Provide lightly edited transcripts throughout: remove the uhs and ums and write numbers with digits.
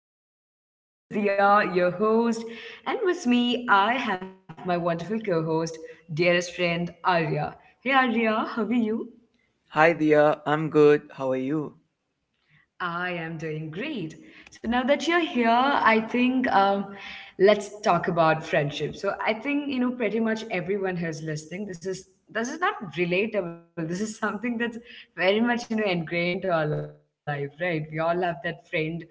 podcast. This is Dia, your host, and with me, I have my wonderful co host, dearest friend Arya. Hey Arya, how are you? Hi, Dia. I'm good. How are you? I am doing great. So now that you're here, I think let's talk about friendship. So I think pretty much everyone who's listening. This is not relatable. This is something that's very much ingrained to our life, right? We all have that friend,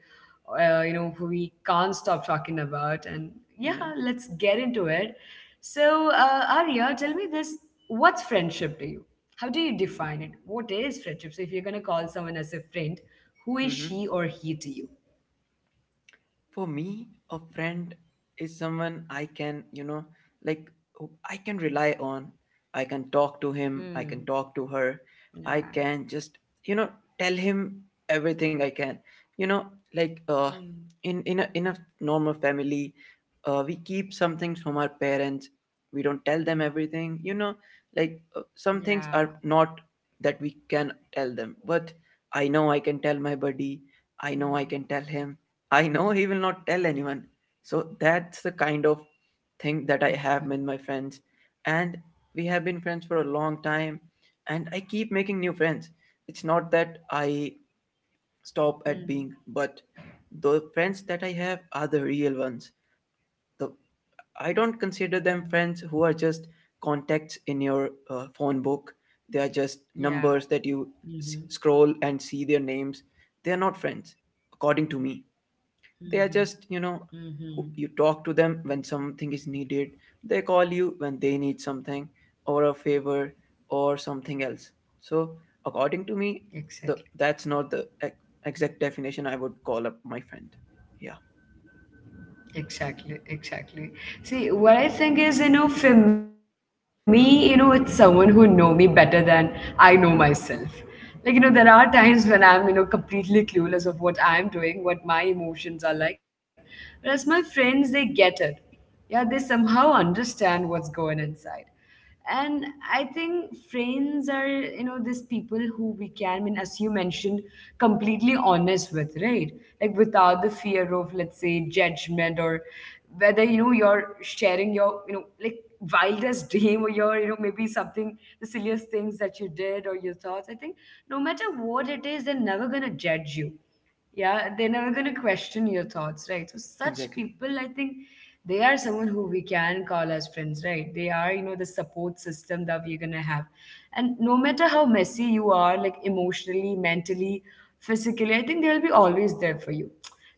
who we can't stop talking about. And yeah, Yeah. let's get into it. So Arya, tell me this: what's friendship to you? How do you define it? What is friendship? So if you're gonna call someone as a friend, who is hmm she or he to you? for me, a friend is someone I can, like, who I can rely on. I can talk to him, I can Hmm. talk to her. I Yeah. can just you know tell him everything. I can, you know like uh Hmm. in a normal family, we keep some things from our parents. We don't tell them everything. Yeah. Like, some things are not that we can tell them, but I know I can tell my buddy. Hmm. I know I can tell him. I know he will not tell anyone. So that's the kind of thing that I have with my friends. And we have been friends for a long time. And I keep making new friends. It's not that I Hmm. stop at being, but the friends that I have are the real ones. The I don't Hmm. consider them friends who are just contacts in your phone book. They are just Yeah. numbers that you Mm-hmm. Scroll and see their names. They are not friends, according to me, they are Mm-hmm. just, Mm-hmm. you talk to them when something is needed. They call you when they need something, or a favor, or something else. So, according to me, the Exactly. that's not the exact definition I would call up my friend. Yeah. Exactly, exactly. See, what I think is, for me, it's someone who know me better than I know myself. Like, there are times when Mm. I'm, completely clueless of what I'm doing, what my emotions are like. Whereas my friends, they get it. Yeah, they somehow understand what's going inside, and I think friends are these people who we can, I mean, as you mentioned, completely honest with, right? Like, without the fear of, let's say, judgment, or whether you're sharing your like wildest dream, or your maybe something, the silliest things that you did, or your thoughts. I think no matter what it is, they're never going to judge you. Yeah, they're never going to question your thoughts, right? So such Exactly. people, I think they are someone who we can call as friends, right? They are, the support system that we're going to have. And no matter how messy you are, like emotionally, mentally, physically, I think they'll be always there for you.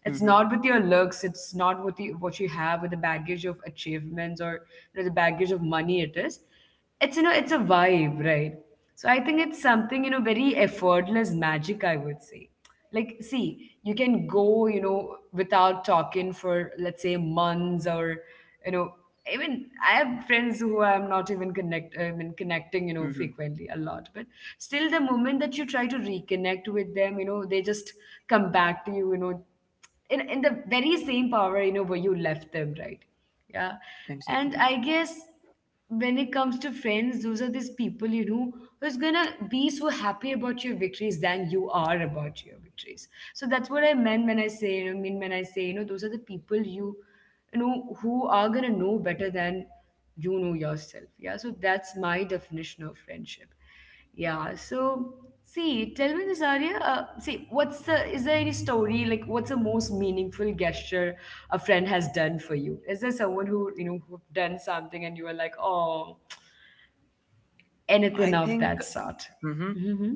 It's Mm-hmm. not with your looks, it's not with the, what you have, with the baggage of achievements, or the baggage of money it is. It's, it's a vibe, right? So I think it's something, very effortless magic, I would say. Like, see, you can go, without talking for, let's say, months, or, you know, even I have friends who I'm not even connect, I mean, connecting, Mm-hmm. frequently a lot. But still, the moment that you try to reconnect with them, they just come back to you, in the very same power, where you left them, right? Yeah. And Exactly. I guess when it comes to friends, those are these people, who's gonna be so happy about your victories than you are about your victories. So that's what I meant when I say, mean when I say, those are the people you, who are gonna know better than you know yourself. Yeah. So that's my definition of friendship. Yeah. So see, tell me this, Arya. See, what's the? Is there any story, like, what's the most meaningful gesture a friend has done for you? Is there someone who you know who've done something and you were like, oh, I anything of think. that sort? Mm-hmm. Hmm.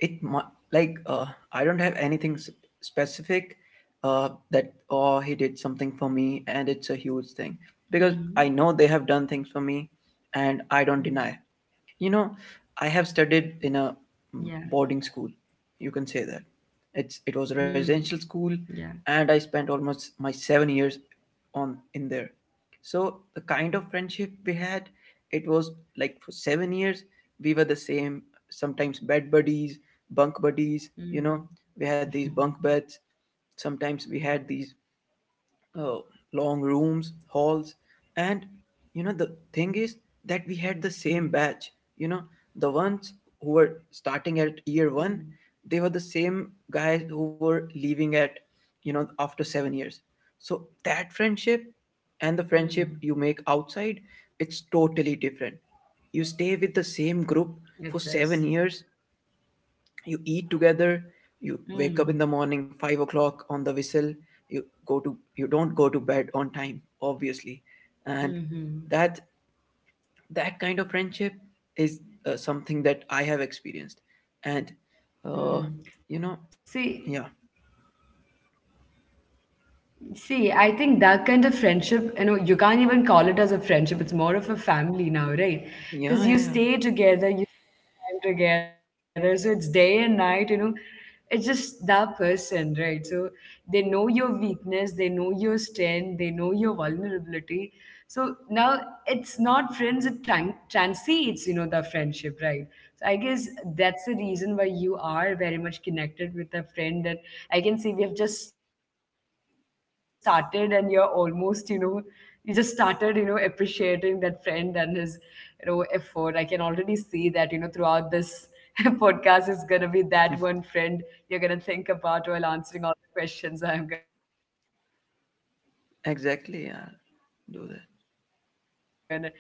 Like, I don't have anything specific, that Hmm. oh, he did something for me and it's a huge thing, because I know they have Hmm. done things for me. And I don't deny you know I Yeah. have studied in a, boarding school, you can say that. Mm. It was a Yeah. residential school, and I spent almost my 7 years on in there. So the kind of friendship we had, it was, like, for 7 years we were the same, sometimes bed buddies, bunk buddies. Mm. We had these bunk beds. Sometimes we had these, uh, long rooms, halls, and, Mm. the thing is that we had the same batch. You know, the ones who were Mm. starting at year one, they were the same guys who were leaving, at after 7 years. So that friendship Mm. and the friendship you make outside, it's totally different. You stay with the same group It is. for 7 years, you eat together, you wake up Mm. in the morning 5 o'clock on the whistle. You go to you don't go to bed on time, obviously. And that Mm-hmm. that kind of friendship is, something that I have experienced, and uh you Mm. know See, yeah. see, I think that kind of friendship, you can't even call it as a friendship. It's more of a family now, right? Yeah, yeah, Because yeah. you stay together, you spend time together. So it's day and night, you know. It's just that person, right? So they know your weakness, they know your strength, they know your vulnerability. So now it's not friends, it transcends, the friendship, right? So I guess that's the reason why you are very much connected with a friend, and I can see we have just started and you're almost, you just started, appreciating that friend and his, effort. I can already see that, throughout this podcast is gonna be that one friend you're Hmm. gonna think about while answering all the questions I'm gonna, throw at you. So that's great. And Exactly. as Yeah. for me, yeah, Do I that. am pretty much,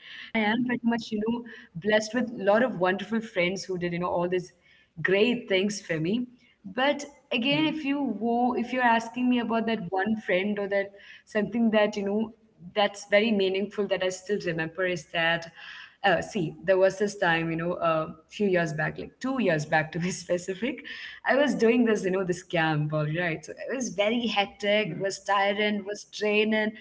blessed with a lot of wonderful friends who did, all these great things for me. But again, if you Mm. If you're asking me about that one friend, or that something that you know that's very meaningful that I still remember, is that see, there was this time, you know, a few years back, like 2 years back, to be specific. I was doing this, you know, this camp, all right? So it was very hectic, it Mm, was tiring, it was draining,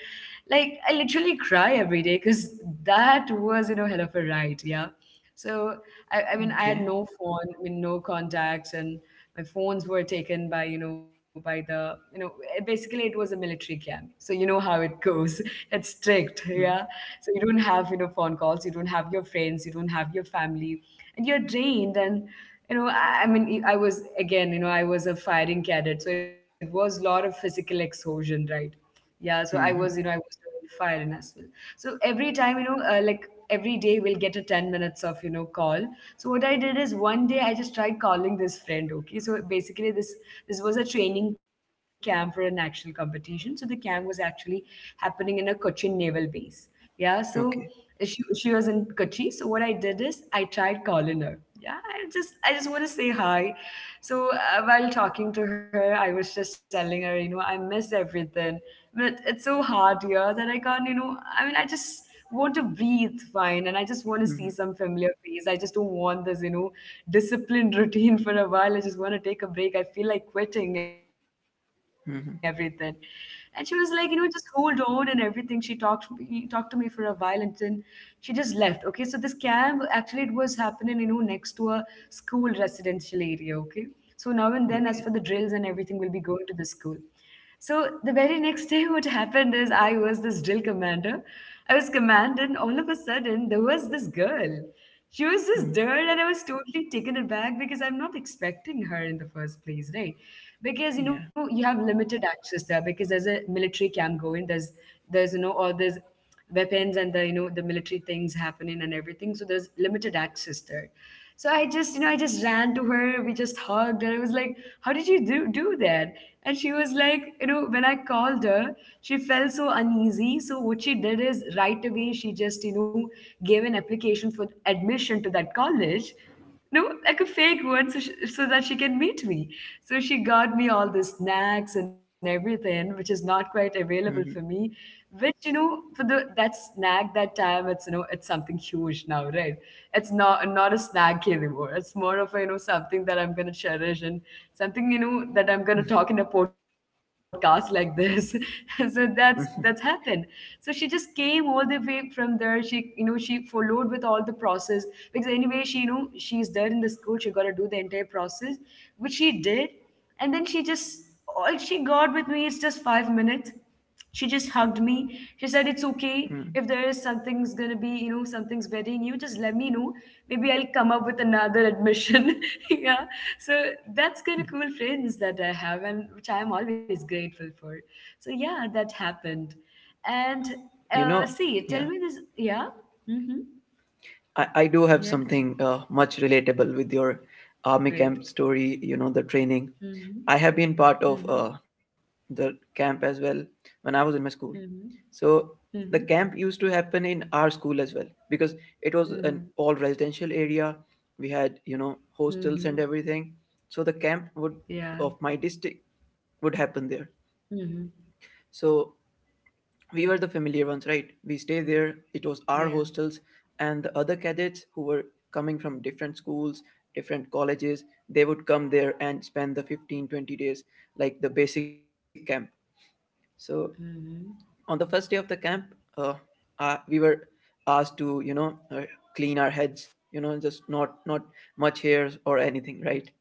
like I literally cry every day because that was, you know, hell of a ride. Yeah. So I mean, I had okay. no phone, I mean, no contacts, and my phones were taken by, by the, eh, basically it was a military camp. So you know how it goes. It's strict, yeah. Mm. So you don't have, phone calls, you don't have your friends, you don't have your family, and you're drained. And, I mean, I was, again, I was a firing cadet. So it was a lot of physical exhaustion, right? Yeah, so I was, I Mm, was doing fire in as well. So every time, like every day we'll get a 10 minutes of call. So what I did is one day I just tried calling this friend. Okay, so basically this this was a training camp for an actual competition, so the camp was actually happening in a Cochin naval base. Yeah, so okay. She was in Kochi. So what I did is I tried calling her. Yeah, I just want to say hi. So while talking to her, I was just telling her, you know, I miss everything, but it's so hard here that I can't, you know, I mean, I just want to breathe fine and I just want to see some Mm. familiar face. I just don't want this, disciplined routine for a while. I just want to take a break. I feel like quitting everything. And she was Mm, like, just hold on and everything. She talked to me for a while, and then she just left. Okay, so this camp actually, it was happening, next to a school residential area. Okay, so now and then, as for the drills and okay. everything, we'll be going to the school. So the very next day, what happened is I was this drill commander. I was command, and all of a sudden, there was this girl. She was this Mm. girl, and I was totally taken aback because I'm not expecting her in the first place, right? Because you Yeah. know you have limited access there, because there's a military camp going. There's all these weapons and the the military things happening and everything. So there's limited access there. So I just, I just ran to her. We just hugged, and I was like, "How did you do do that?" And she was like, when I called her, she felt so uneasy. So what she did is right away, she just, gave an application for admission to that college, no, like a fake one, so, sh so that she can meet me. So she got me all the snacks and everything, which is not quite available for Mm. me. Which, for the that snack that time, it's, it's something huge now, right? It's not a snack anymore. It's more of a, something that I'm gonna cherish, and something, knew that I'm gonna talk in a podcast like this. So that's happened. So she just came all the way from there. She, you know, she followed with all the process, because anyway she, you know, she's there in the school. She got to do the entire process, which she did, and then she just, all she got with me is just 5 minutes. She just hugged me, she said it's okay, Mm. if there is something's gonna be, you know, something's very new, just let me know, maybe I'll come up with another admission. Yeah. So that's kind of cool friends that I have, and which I am always grateful for. So yeah, that happened. And you know see, tell yeah. me this. Yeah. Mm-hmm. I do have Yeah. something, much relatable with your army camp Great. story, the training. I Mm-hmm. have been part of Mm-hmm. The camp as well when I was in my school. Mm-hmm. So the Mm-hmm. camp used to happen in our school as well because it was an Mm-hmm. all residential area. We had, Mm-hmm. hostels and everything. So the camp would, Yeah. of my district, would happen there. Mm-hmm. So we were the familiar ones, right? We stay there. It was our Yeah. hostels, and the other cadets who were coming from different schools, different colleges, they would come there and spend the 15-20 days, like the basic camp. So Mm-hmm. on the first day of the camp, uh, we were asked to, clean our heads, just not much hairs or anything, right?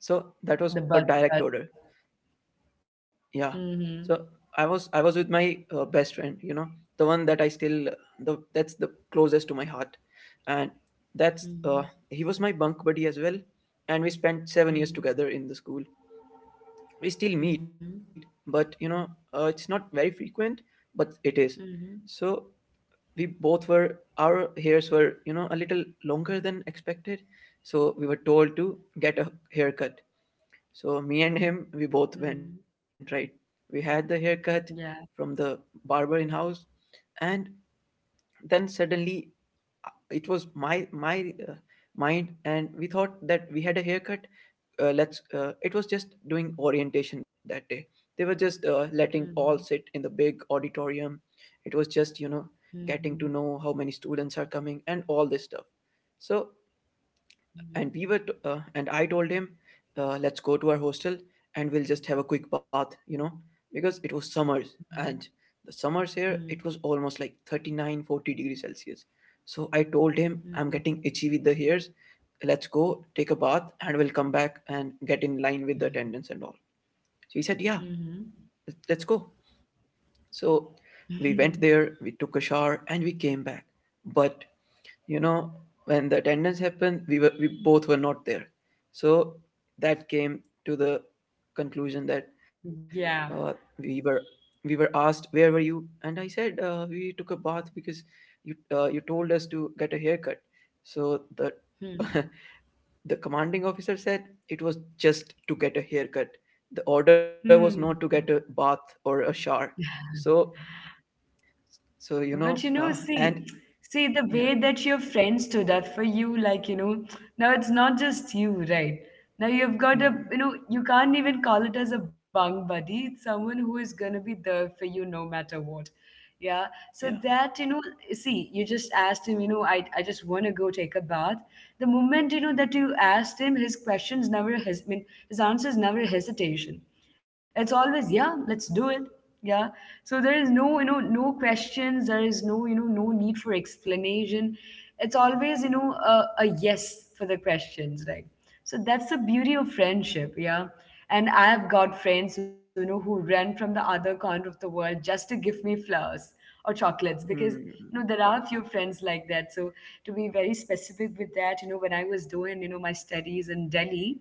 So that was The a bus direct cut. order. Yeah. Mm-hmm. So I was with my best friend. The one that I still, the that's the closest to my heart. And that's Mm-hmm. he was my bunk buddy as well, and we spent 7 years Mm-hmm. together in the school. We still meet, Mm-hmm. but, it's not very frequent, but it is. Mm-hmm. So we both were our hairs were, a little longer than expected, so we were told to get a haircut. So me and him, we both went, Mm-hmm. right. We had the haircut from Yeah. the barber in house, and then suddenly it was my mind, and we thought that we had a haircut. Let's. It was just doing orientation that day. They were just letting all Mm-hmm. sit in the big auditorium. It was just, getting Mm-hmm. to know how many students are coming and all this stuff. So Mm-hmm. and we were t- and I told him, let's go to our hostel and we'll just have a quick bath, because it was summers, and the summers here, Mm-hmm. it was almost like 39, 40 degrees celsius. So I told him, I'm Mm-hmm. getting itchy with the hairs, let's go take a bath, and we'll come back and get in line with the attendance and all. So he said, yeah, Mm-hmm. Let's go. So we went there, we took a shower, and we came back. But, you know when the attendance happened, we both were not there. So that came to the conclusion that, Yeah. uh, we were we were asked, where were you? And I said, we took a bath because you you told us to get a haircut. So the Hmm. the commanding officer said, it was just to get a haircut. The order was not to get a Hmm. bath or a shower. So, so you know But you know, uh, and see, see the yeah. way that your friends stood up for you, like, you know, now it's not just you, right? Now you've got a, Mm, you know, you can't even call it as a bunk buddy. It's someone who is gonna be there for you no matter what. Yeah. yeah. So that, you know, see, you just asked him, you know, I just want to go take a bath. The moment, you know, that you asked him, his questions never, his, I mean, his answers never hesitation. It's always, yeah, let's do it. Yeah, so there is, no you know, no questions. There is, no you know, no need for explanation. It's always, you know, a yes for the questions, right? So that's the beauty of friendship, yeah. And I've got friends, you know, who run from the other corner of the world just to give me flowers or chocolates because, you know, there Mm. are a few friends like that. So to be very specific with that, you know, when I was doing, you know, my studies in Delhi,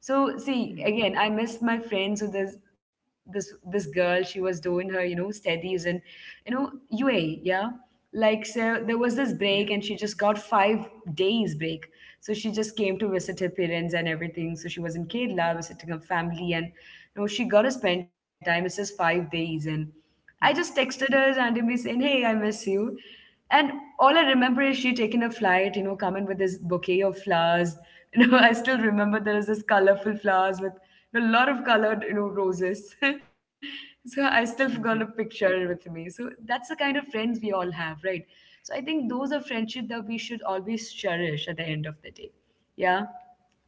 so see, Mm. again, I miss my friends. So there's this girl, she was doing her, you know, studies in, you know, UAE, yeah. Like so there was this Yeah. break and she just got 5 days break. So she just came to visit her parents and everything. So she was in Kerala visiting her family and, you know, she got to spend time. It's just 5 days, and I just texted her randomly saying, Hey, I miss you. And all I remember is she taking a flight, you know, coming with this bouquet of flowers. You know, I still remember there is this colorful flowers with a lot of colored, you know, roses. So I still forgot a Mm-hmm. picture with me. So that's the kind of friends we all have, right? So I think those are friendship that we should always cherish at the end of the day. Yeah.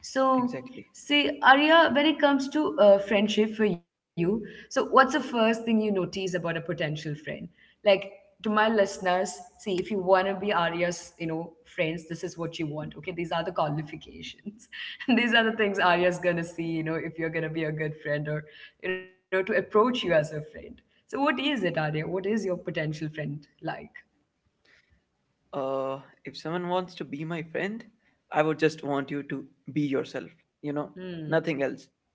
So, Exactly. see, Arya, when it comes to friendship for you, so what's the first thing you notice about a potential friend? Like, to my listeners, see, if you want to be Arya's, you know, friends, this is what you want. Okay, these are the qualifications. And these are the things Arya's gonna see. You know, if you're gonna be a good friend or, you know, to approach you as a friend. So, what is it, Arya? What is your potential friend like? Uh, if someone wants to be my friend, I would just want you to be yourself. You know, Hmm. Nothing else.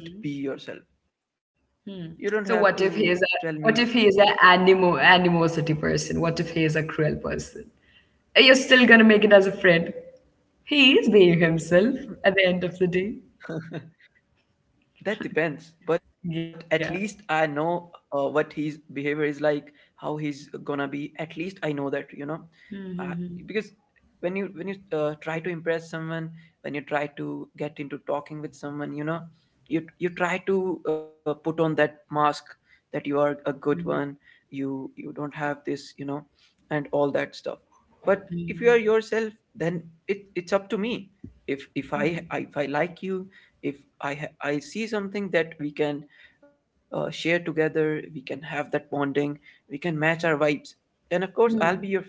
Just be yourself. Hmm. So You what don't if he have is a to what tell if he is me. an animo animosity person? What if he is a cruel person? You're still gonna make it as a friend. He is being himself at the end of the day. That depends, Yeah. but at least I know what his behavior is like, how he's gonna be. At least I know that, uh, Mm-hmm. because when you try to impress someone, when you try to get into talking with someone, you try to put on that mask that you are a good Mm-hmm. one, you don't have this, and all that stuff. But if you are yourself, then it's up to me. If I like you, if I see something that we can, share together, we can have that bonding, we can match our vibes, then of course I'll be your Mm-hmm. friend.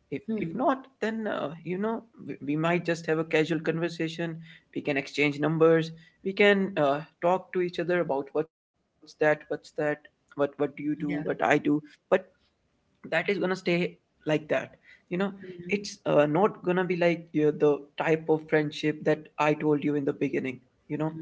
If Mm-hmm. not, then, we might just have a casual conversation, we can exchange numbers, we can, talk to each other about what's that, what do you do, Yeah. what I do. But that is gonna stay like that you know it's not gonna be like, the type of friendship that I told you in the beginning you know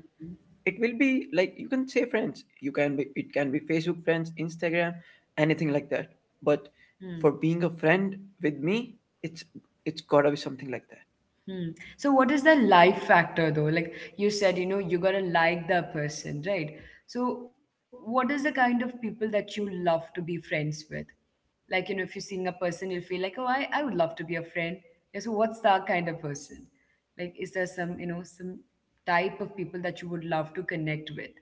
it will be like, you can say friends, you can be, it can be Facebook friends, Instagram, anything like that. But Mm-hmm. for being a friend with me, it's it's gotta be something like that. Hmm. So what is the life factor though? Like you said, you know, you gotta like the person, right? So what is the kind of people that you love to be friends with? Like, you know, if you're seeing a person, you'll feel like, oh, I would love to be a friend. Yeah, so what's that kind of person? Like, is there some, you know, some type of people that you would love to connect with?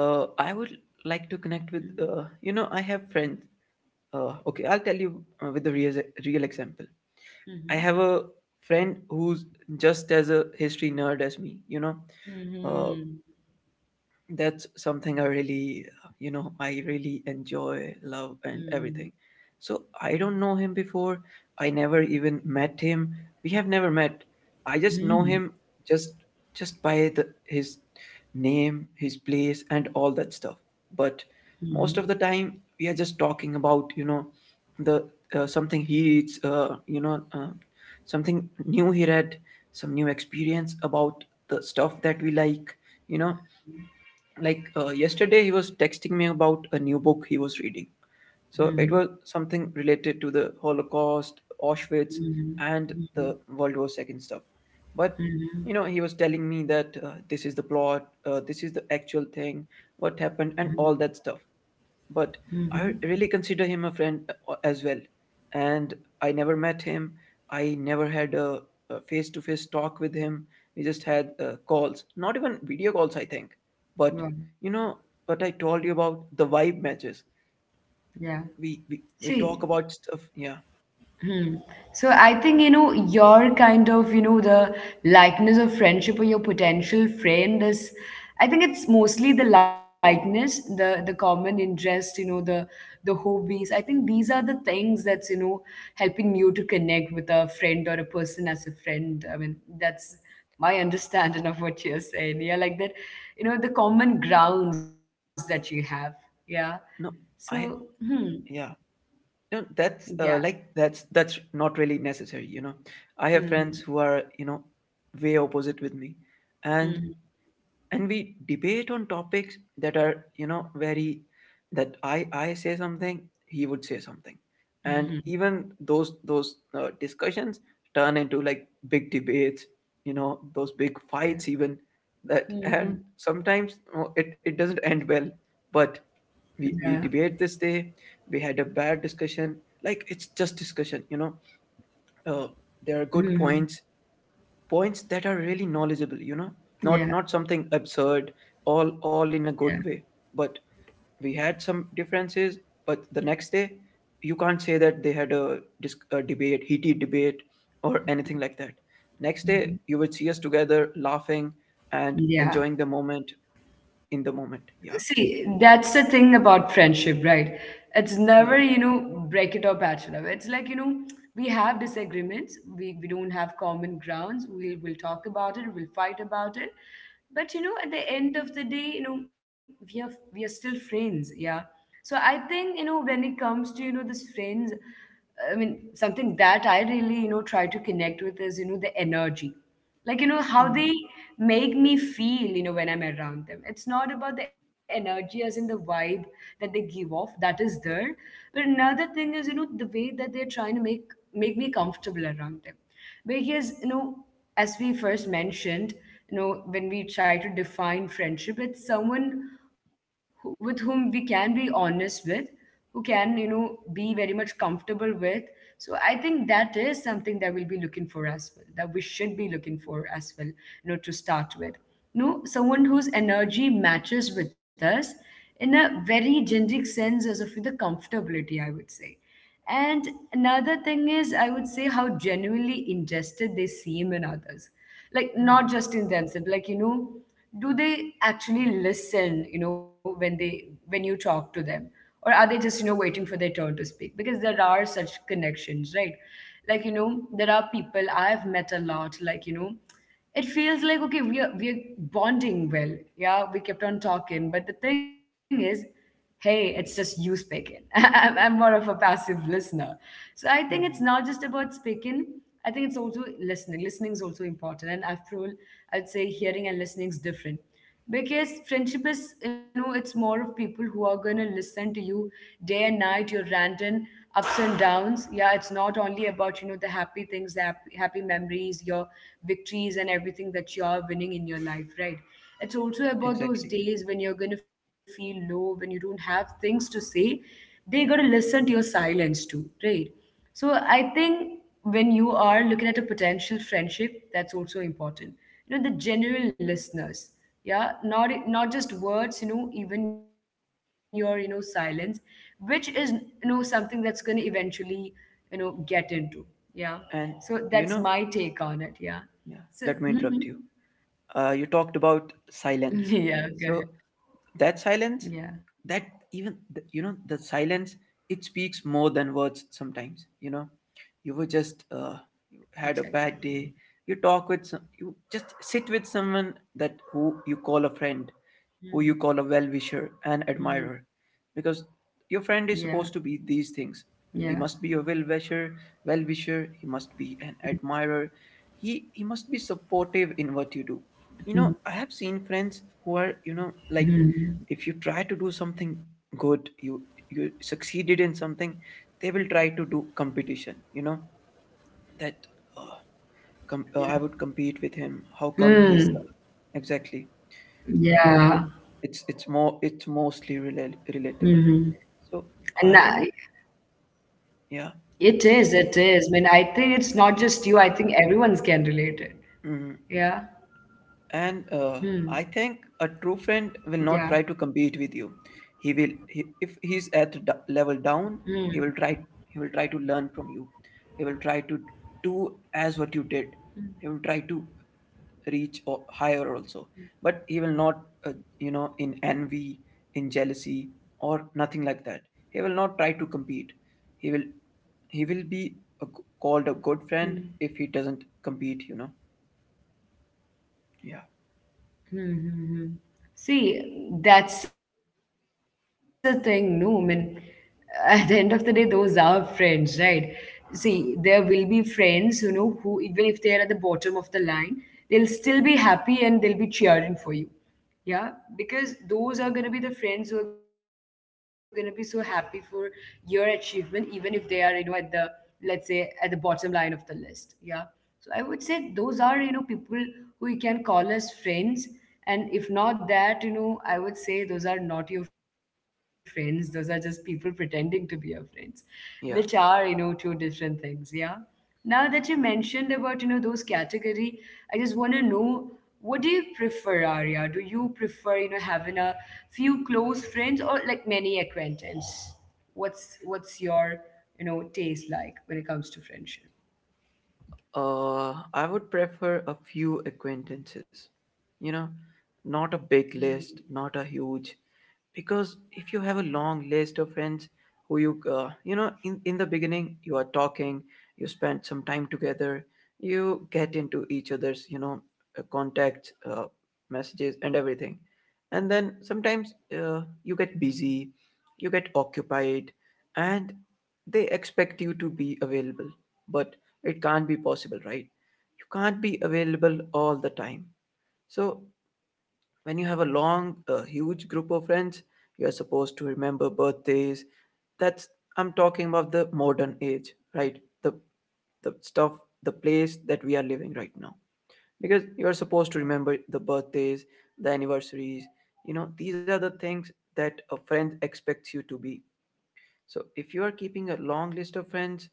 I would like to connect with, I have friends, okay, I'll tell you, with the real example. I Mm-hmm. have a friend who's just as a history nerd as me. uh. Mm-hmm. That's something I really, I really enjoy, love, and Mm-hmm. everything. So I don't know him before, I never even met him, we have never met. I just know him, just just by the his name, his place, and all that stuff. But Mm-hmm. most of the time, we are just talking about, the something he reads, something new he read, some new experience about the stuff that we like you know like, yesterday he was texting me about a new book he was reading. So Mm-hmm. it was something related to the Holocaust, Auschwitz, Mm-hmm. and the World War II stuff. But, Mm-hmm. He was telling me that, this is the plot, this is the actual thing, what happened and all that stuff. But Mm-hmm. I really consider him a friend, as well. And I never met him. I never had a face to face talk with him. We just had calls, not even video calls, I think. But Mm-hmm. you know what I told you about the vibe matches. Yeah. We See, talk about stuff. Yeah. hmm. So I think, you know, your kind of, you know, the likeness of friendship or your potential friend is, I think it's mostly the likeness, the common interest, you know, the hobbies. I think these are the things that's, you know, helping you to connect with a friend or a person as a friend. I mean, that's my understanding of what you're saying. Yeah, like that, you know, the common grounds that you have. Yeah. No, So, I hmm. yeah. No, Yeah. That's not really necessary. You know, I have Hmm. friends who are, you know, way opposite with me, and we debate on topics that are, you know, very— that I say something, he would say something. And Mhm, even those discussions turn into like big debates, you know, those big yeah. fights even, that, Mhm, and sometimes oh, it doesn't end well. But yeah. we debate— this day we had a bad discussion, like it's just discussion, you know. uh, there are Mhm. good points that are really knowledgeable, you know, not Yeah, not something absurd, all yeah. in a good way. But we had some differences. But the next day you can't say that they had a a debate, heated debate or anything like that. Next day Mhm. you would see us together laughing and Yeah. enjoying the moment, in the moment. Yeah, See, that's the thing about friendship, right? It's never, you yeah. know, break it or patch it up. It's like, you know, we have disagreements. We don't have common grounds. We will talk about it. We'll fight about it. But you know, at the end of the day, you know, we are still friends. Yeah. So I think, you know, when it comes to, you know, this friends, I mean, something that I really, you know, try to connect with is, you know, the energy, like, you know, how they Hmm. make me feel, you know, when I'm around them. It's not about the energy as in the vibe that they give off, that is there, but another thing is, you know, the way that they're trying to make me comfortable around them, because, you know, as we first mentioned, you know, when we try to define friendship, it's someone who, with whom we can be honest with, who can, you know, be very much comfortable with. So I think that is something that we'll be looking for as well, that we should be looking for as well, you know, to start with. No, someone whose energy matches with us in a very generic sense as of the comfortability, I would say. And another thing is, I would say, how genuinely interested they seem in others. Like, not Hmm. just in themselves, like, you know, do they actually listen, you know, when they, when you talk to them? Or are they just, you know, waiting for their turn to speak? Because there are such connections, right? Like, you know, there are people I have met a lot, like, you know, it feels like, okay, we're bonding well, yeah, we kept on talking, but the thing is, hey, it's just you speaking. I'm more of a passive listener. So I think it's Hmm. not just about speaking. I think it's also listening. Listening is also important, and after all, I'd say hearing and listening is different, because friendship is, you know, it's more of people who are going to listen to you day and night, your random ups and downs. Yeah, it's not only about, you know, the happy things, the happy memories, your victories and everything that you are winning in your life, right? It's also about those Exactly. days when you're going to feel low, when you don't have things to say. They got to listen to your silence too, right? So I think when you are looking at a potential friendship, that's also important. You know, the genuine listeners, yeah, not not just words, you know, even your, you know, silence, which is, you know, something that's going to eventually, you know, get into, yeah. So that's And my take you on know, it, yeah. So yeah, mhm. let me interrupt you. You talked about silence. Yeah, go ahead. So that silence, Yeah, that— even the, you know, the silence, it speaks more than words sometimes, you know. You were just exactly. had a bad day, you talk with some— you just sit with someone that who you call a friend, who you call a well-wisher and Mm-hmm. admirer. Because your Yeah, friend is supposed to be these things. yeah. He must be a well-wisher, well-wisher. He must be an admirer. He must be supportive in what you do. Mm-hmm. You know, I have seen friends who are, you know, like, Mm-hmm. if you try to do something good, you— you succeeded in something, they will try to do competition, you know, that uh, I would compete with him. How Yeah. come he's— Mm. exactly? Uh, Yeah. it's more it's mostly Mhm. Relatable. And I- So I don't— it yeah. is, it is. I mean, I think it's not just you. I think everyone's can relate it. Yeah. Mm. And Hmm. I think a true friend will Yeah. not try to compete with you. He will he, if he's at the level down, Hmm. he will try— he will try to learn from you. He will try to do as what you did. He will try to reach higher also, but he will not, uh, you know, in envy, in jealousy, or nothing like that. He will not try to compete. He will— he will be a, called a good Hmm. friend if he doesn't compete, you know. Yeah. Hmm. Hmm. Hmm. See, that's the thing, no? I mean, at the end of the day, those are friends, right? See, there will be friends, you know, who even if they are at the bottom of the line, they'll still be happy and they'll be cheering for you. Yeah, because those are gonna be the friends who are gonna be so happy for your achievement, even if they are, you know, at the, let's say at the bottom line of the list. Yeah. So I would say those are, you know, people who you can call as friends. And if not that, you know, I would say those are not your friends. Those are just people pretending to be your friends, which are, you Yeah. know, two different things. Yeah. Now that you mentioned about, you know, those category, I just want to know, what do you prefer, Arya? Do you prefer, you know, having a few close friends or like many acquaintance? What's your, you know, taste like when it comes to friendship? I would prefer, because if you have a long list of friends who you you know, in the beginning, you are talking, you spend some time together, you get into each other's, you know, contacts, messages and everything. And then sometimes you get busy, you get occupied, and they expect you to be available. But it can't be possible, right? You can't be available all the time. So when you have a huge group of friends, you're supposed to remember birthdays. That's— I'm talking about the modern age, right? The stuff, the place that we are living right now. Because you're supposed to remember the birthdays, the anniversaries. You know, these are the things that a friend expects you to be. So if you are keeping a long list of friends,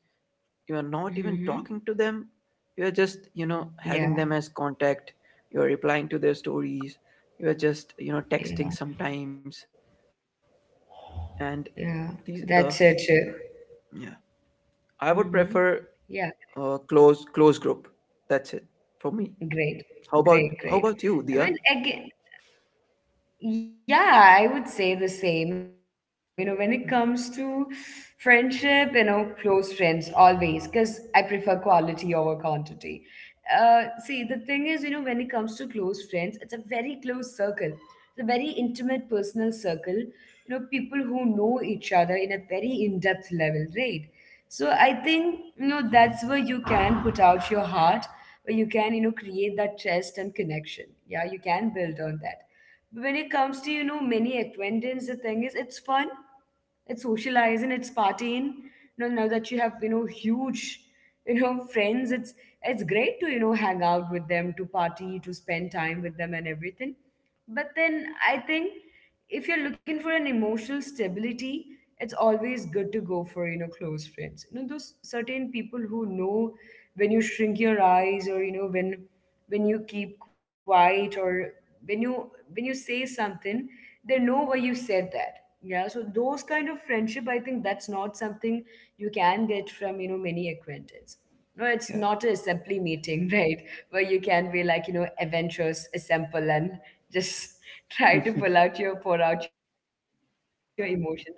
you are not even talking to them. Mm-hmm. You are just, you know, having them as Yeah, contact. You are replying to their stories. You are just, you know, texting yeah, sometimes. And yeah. these That's it. yeah, I would prefer Mm-hmm. Yeah, close group. That's it for me. great, How about great, great. you, Dia? I mean, again, yeah, I would say the same. You know, when it comes Mm, to friendship, you know, close friends always, because I prefer quality over quantity. See, the thing is, you know, when it comes to close friends, it's a very close circle, it's a very intimate personal circle. You know, people who know each other in a very in depth level, right? So I think, you know, that's where you can put out your heart, where you can, you know, create that trust and connection. Yeah, you can build on that. But when it comes to, you know, many acquaintance, the thing is it's fun, it's socializing, it's partying. You know, now that you have, you know, huge, you know, friends, it's great to, you know, hang out with them, to party, to spend time with them, and everything. But then I think if you're looking for an emotional stability, it's always good to go for, you know, close friends. You know, those certain people who know when you shrink your eyes, or, you know, when you keep quiet, or when you when you say something, they know why you said that. Yeah, so those kind of friendship, I think that's not something you can get from, you know, many acquaintance. No, it's not a assembly meeting, right, where you can be like, you know, adventurous assemble and just try to yeah. pull out your pour out your emotion. That never works, right?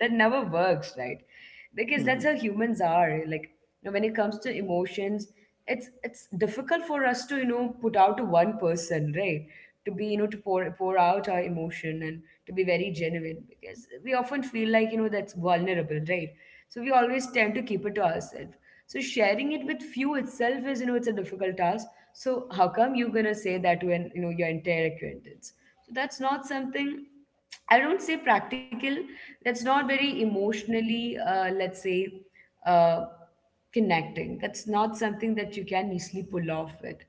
Because that's how humans are, Hmm. like, you know, when it comes to emotions, it's difficult for us to, you know, put out to one person, right? To be, you know, to pour out our emotion and to be very genuine, because we often feel like, you know, that's vulnerable, right? So we always tend to keep it to ourselves. So sharing it with few itself is, you know, it's a difficult task. So how come you're gonna say that when you know your entire acquaintance? So that's not something, I don't say practical. That's not very emotionally, let's say, uh, connecting. That's not something that you can easily pull off with.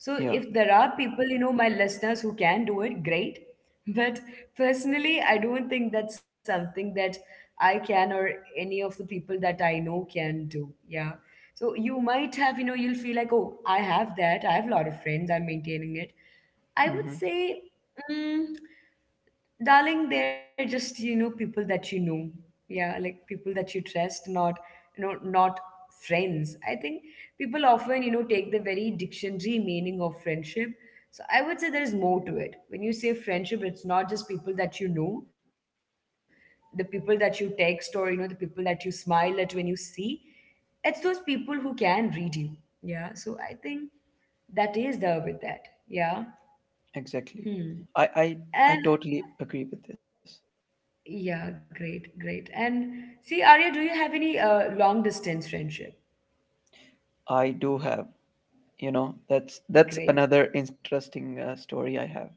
So Yeah. if there are people, you know, my listeners who can do it, great. But personally, I don't think that's something that I can, or any of the people that I know can do. Yeah. So you might have, you know, you'll feel like, oh, I have that. I have a lot of friends. I'm maintaining it, I would Hmm. say. mm, Darling, they're just, you know, people that you know. Yeah, like people that you trust, not, you know, not friends, I think. People often, you know, take the very dictionary meaning of friendship. So I would say there's more to it. When you say friendship, it's not just people that you know, the people that you text, or, you know, the people that you smile at when you see. It's those people who can read you. Yeah, so I think that is the, with that. Yeah. Exactly. Hmm. I, I And totally agree with this. yeah, great, great. And see, Arya, do you have any long distance friendship? I do have, you know, that's Great. another interesting story I have.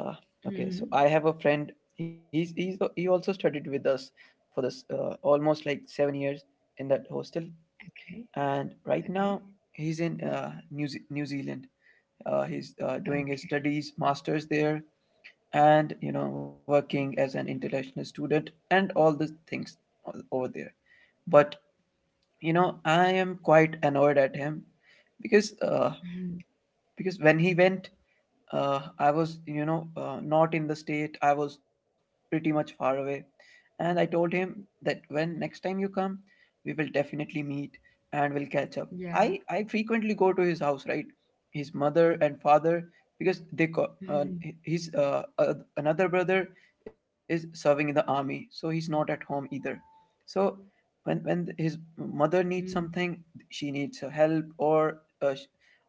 Uh, okay, so Hmm. I have a friend. He's, he also studied with us for this almost like 7 years in that hostel, Okay, and right now okay, he's in New New Zealand. He's doing his okay. studies, masters there, and you know, working as an international student and all the things over there. But you know, I am quite annoyed at him, because Mhm. When he went, I was, you know, not in the state. I was pretty much far away. And I told him that when next time you come, we will definitely meet and we'll catch up. Yeah. I frequently go to his house, right? His mother and father, because they Hmm. his another brother is serving in the army, so he's not at home either. So when his mother Hmm. needs something, she needs her help, or uh,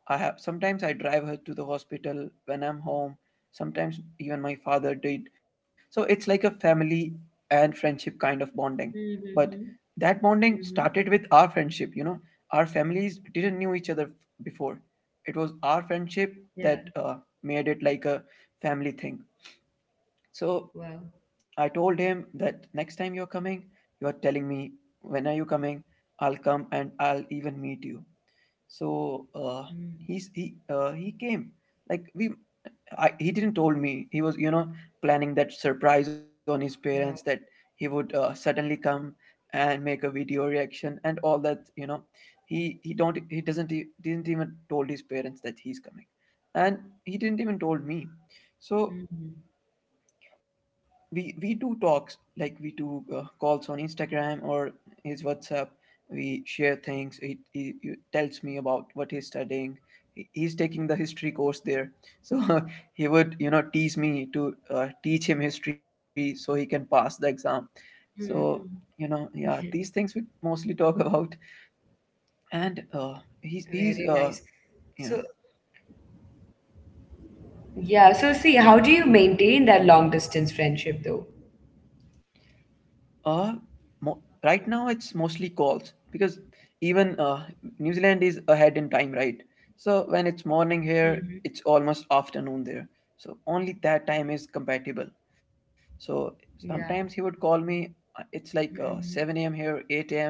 I have— sometimes I drive her to the hospital when I'm home. Sometimes even my father did. So it's like a family and friendship kind of bonding. But Hmm. that bonding Hmm. started with our friendship, you know. Our families didn't knew each other before. It was our friendship that Yeah. Made it like a family thing. So Wow. I told him that next time you're coming, you're telling me, when are you coming? I'll come and I'll even meet you. So Mm. he's he came, like we— I, he didn't told me he was, you know, planning that surprise on his parents, that Wow. he would suddenly come and make a video reaction and all that, you know. He— he don't he doesn't didn't even told his parents that he's coming, and he didn't even told me. So Hmm. we do talks, like we do calls on Instagram or his WhatsApp. We share things. He tells me about what he's studying. He- he's taking the history course there, so he would, you know, tease me to teach him history so he can pass the exam. So Hmm. you know, yeah, these things we mostly talk about. And he's Very nice. yeah. So, yeah. So, see, how do you maintain that long distance friendship, though? Uh, mo- right now it's mostly calls, because even New Zealand is ahead in time, right? So when it's morning here, Hmm. it's almost afternoon there. So only that time is compatible. So sometimes he would Yeah. call me. It's like Hmm. 7 a.m. here, 8 a.m.,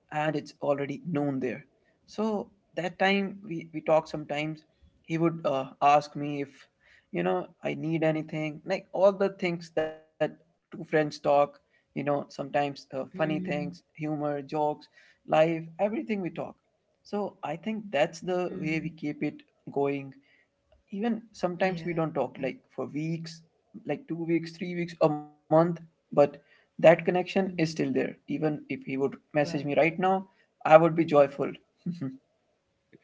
and it's already noon there. So that time we talk sometimes. He would ask me if, you know, I need anything, like all the things that two friends talk, you know. Sometimes funny things, Hmm. humor, jokes, life, everything we talk. So I think that's the way we Hmm. keep it going. Even sometimes we Yeah. don't talk like for weeks, like 2 weeks, 3 weeks, a month. But that connection Hmm. is still there. Even if he would Well. message me right now, I would be joyful.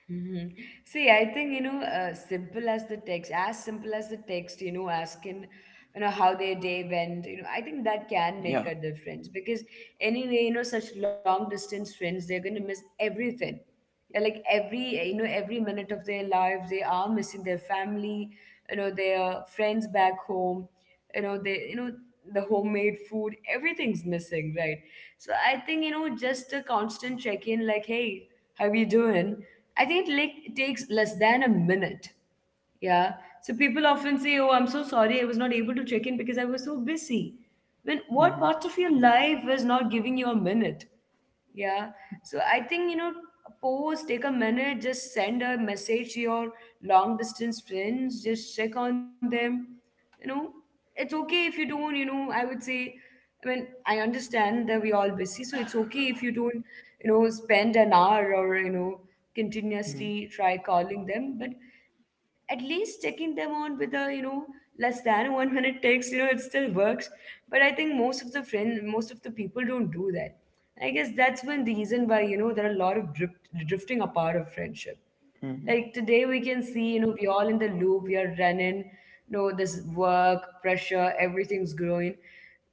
Mhm. See, I think, you know, simple as the text, as simple as the text, you know, asking, you know, how their day went, you know, I think that Yeah. can make a difference, because anyway, you know, such long distance friends, they're gonna miss everything. Yeah, like every, you know, every minute of their life, they are missing their family, you know, their friends back home, you know, they, you know, the homemade food, everything's missing, right? So I think, you know, just a constant check in, like, hey, how you doing? I think it, like, it takes less than a minute. Yeah. So people often say, "Oh, I'm so sorry, I was not able to check in because I was so busy." When Hmm. what part of your life is not giving you a minute? Yeah. So I think, you know, pause, take a minute, just send a message to your long distance friends, just check on them. You know, it's okay if you don't, you know, I would say. I mean, I understand that we're all busy, so it's okay if you don't, you know, spend an hour, or, you know, Hmm. continuously try calling them, but at least taking them on with a, you know, less than 1 minute text, you know, it still works. But I think most of the friend, most of the people don't do that. I guess that's one reason why, you know, there are a lot of drifting apart of friendship. Hmm. Like today, we can see, you know, we all in the loop, we are running, you know, this work, pressure, everything's growing.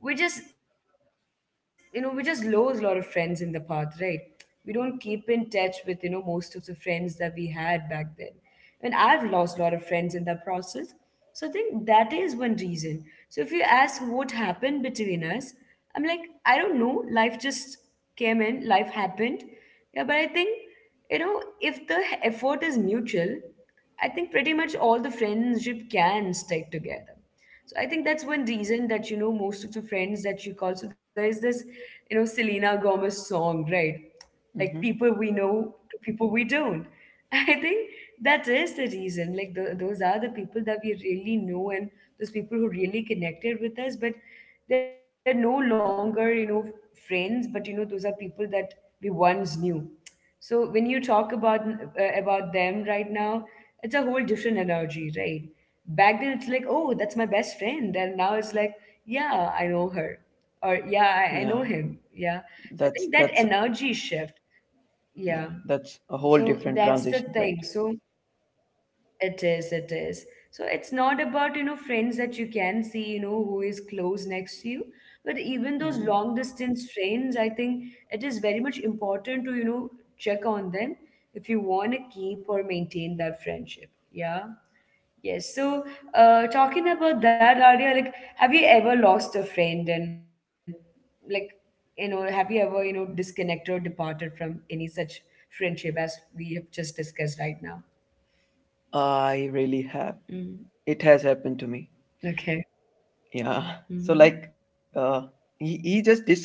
We just, you know, we just lose a lot of friends in the path, right? We don't keep in touch with, you know, most of the friends that we had back then. And I've lost a lot of friends in that process. So I think that is one reason. So if you ask what happened between us, I'm like, I don't know. Life just came in, life happened. Yeah, but I think, you know, if the effort is mutual, I think pretty much all the friendship can stick together. So I think that's one reason that, you know, most of the friends that you call. So there is this, you know, Selena Gomez song, right? Like Hmm. people we know to people we don't. I think that is the reason. Like those are the people that we really know, and those people who really connected with us. But they're no longer, you know, friends, but, you know, those are people that we once knew. So when you talk about them right now, it's a whole different energy, right? Back then, it's like, oh, that's my best friend, and now it's like, yeah, I know her, or Yeah, yeah, I know him, yeah. that's So I think that's that energy shift, yeah, yeah. that's a whole So different that's the transition, right? thing. So it is, it is. So it's not about, you know, friends that you can see, you know, who is close next to you. But Mm. even those long distance friends, I think it is very much important to, you know, check on them if you want to keep or maintain that friendship. Yeah. Yes. So, talking about that, Arya, like, have you ever lost a friend and, like, you know, have you ever, you know, disconnected or departed from any such friendship as we have just discussed right now? I really have. Mm. It has happened to me. Okay. Yeah. So Mhm. like he just disappeared.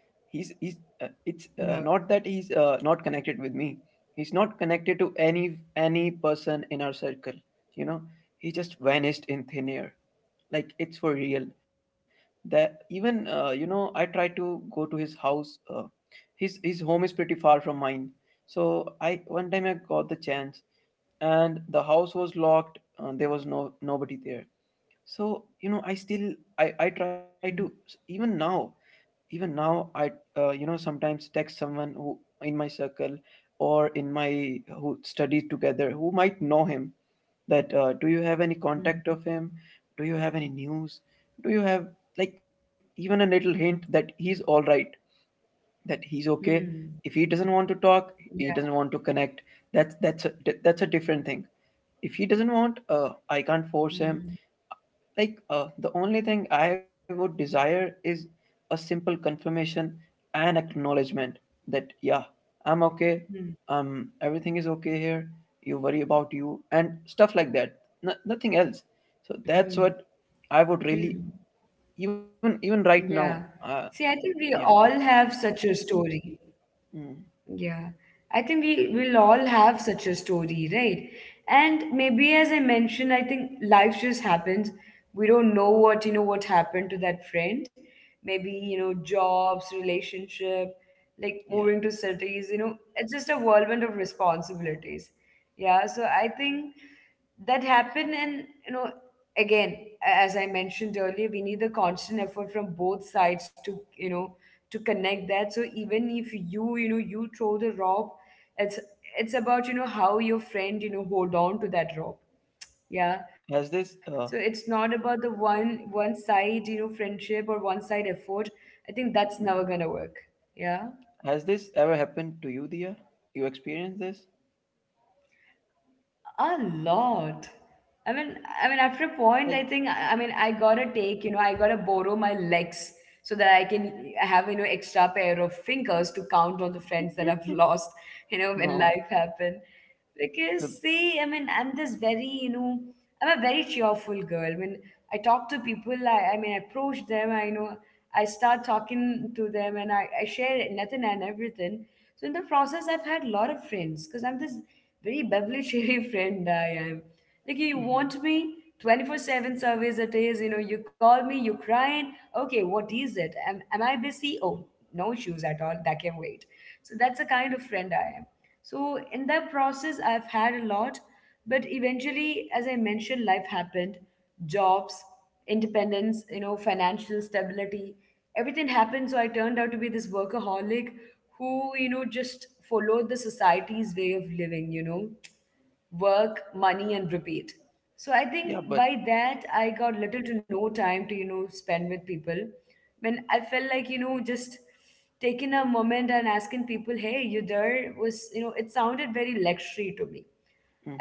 He's it's not But that he's not connected with me. He's not connected to any— any person in our circle. You know, he just vanished in thin air. Like it's for real. That even you know, I tried to go to his house. His— his home is pretty far from mine. So I— one time I got the chance, and the house was locked. There was no— nobody there. So you know, I still I try to, mm, even now, even now, I you know, sometimes text someone who— in my circle, or in my— who studies together, who might know him, that do you have any contact of mm, him? Do you have any news? Do you have like even a little hint that he's all right, that he's okay? If he mm, doesn't want to talk, he doesn't yeah. want to connect, that's that's a different thing. If he doesn't want, I can't force him. Mm, Like, the only thing I would desire is a simple confirmation and acknowledgement that, yeah, I'm okay. mm, Everything is okay here. You worry about you and stuff like that. No, nothing else. So that's what mm, I would really, mm. even even right now. Yeah. Uh, See, I think yeah, we all have such a story. mm, Yeah, I think we will all have such a story, right? And maybe, as I mentioned, I think life just happens. We don't know what, you know, what happened to that friend. Maybe, you know, jobs, relationship, like yeah. moving to cities, you know, it's just a whirlwind of responsibilities. Yeah, so I think that happened, and you know, again, as I mentioned earlier, we need the constant effort from both sides to, you know, to connect that. So even if you, you know, you throw the rope, it's it's about, you know, how your friend, you know, hold on to that rope. Yeah. So Has this it's not about the one side, you know, friendship, or one side effort. I think that's never mm, gonna work. Yeah. has this ever happened to you, Dia? You experienced this? A lot. I mean, I mean, after a point, I Like, think I mean I gotta take, you know, I gotta borrow my legs, so that I can have, you know, extra pair of fingers to count all the friends that I've lost, you know, when no. life happened. Because to- see, I mean, I'm this very, you know, I'm a very cheerful girl. When I talk to people, I mean I approach them, I, you know, I start talking to them, and I share nothing and everything. So in the process, I've had a lot of friends, because I'm this very beverly friend I am. Like, you want mhm. me, 24/7 service it is, you know, you call me, you crying. Okay, what is it? Am I busy? Oh, no issues at all. That can wait. So that's the kind of friend I am. So in that process, I've had a lot, but eventually, as I mentioned, life happened, jobs, independence, you know, financial stability, everything happened. So I turned out to be this workaholic who, you know, just followed the society's way of living, you know, work, money, and repeat. So I Yeah, think but by that, I got little to no time to, you know, spend with people. When I felt like, you know, just taking a moment and asking people, hey, you there, was, you know, it sounded very luxury to me.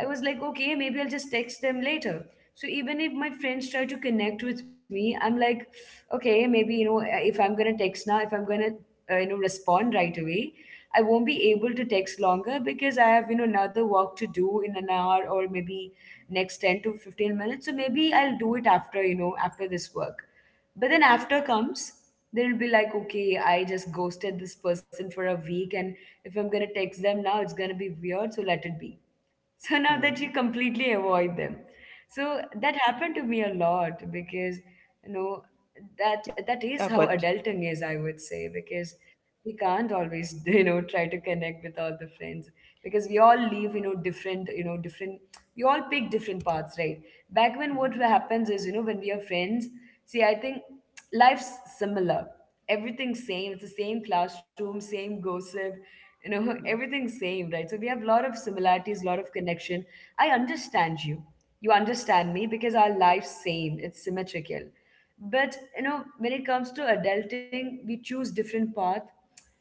I was like, okay, maybe I'll just text them later. So even if my friends try to connect with me, I'm like, okay, maybe, you know, eh, if I'm going to text now, if I'm going to, you know, respond right away, I won't be able to text longer because I have, you know, another work to do in an hour, or maybe next 10 to 15 minutes. So maybe I'll do it after, you know, after this work. But then after comes, then it'll be like, okay, I just ghosted this person for a week. And if I'm going to text them now, it's going to be weird. So let it be. So now that mhm. you completely avoid them. So that happened to me a lot because you know that Yeah, that but is how adulting is, I would say. Because we can't always try to connect with all the friends, because we all live different, we all pick different paths, right? Back when, what mhm. happens is, when we are friends, see, I think life's similar. Everything's same. It's the same classroom, same gossip, Yeah. everything's same, right? So we have a lot of similarities, a lot of connection. I understand you. You understand me because our life's same. It's symmetrical. But when it comes to adulting, we choose different path,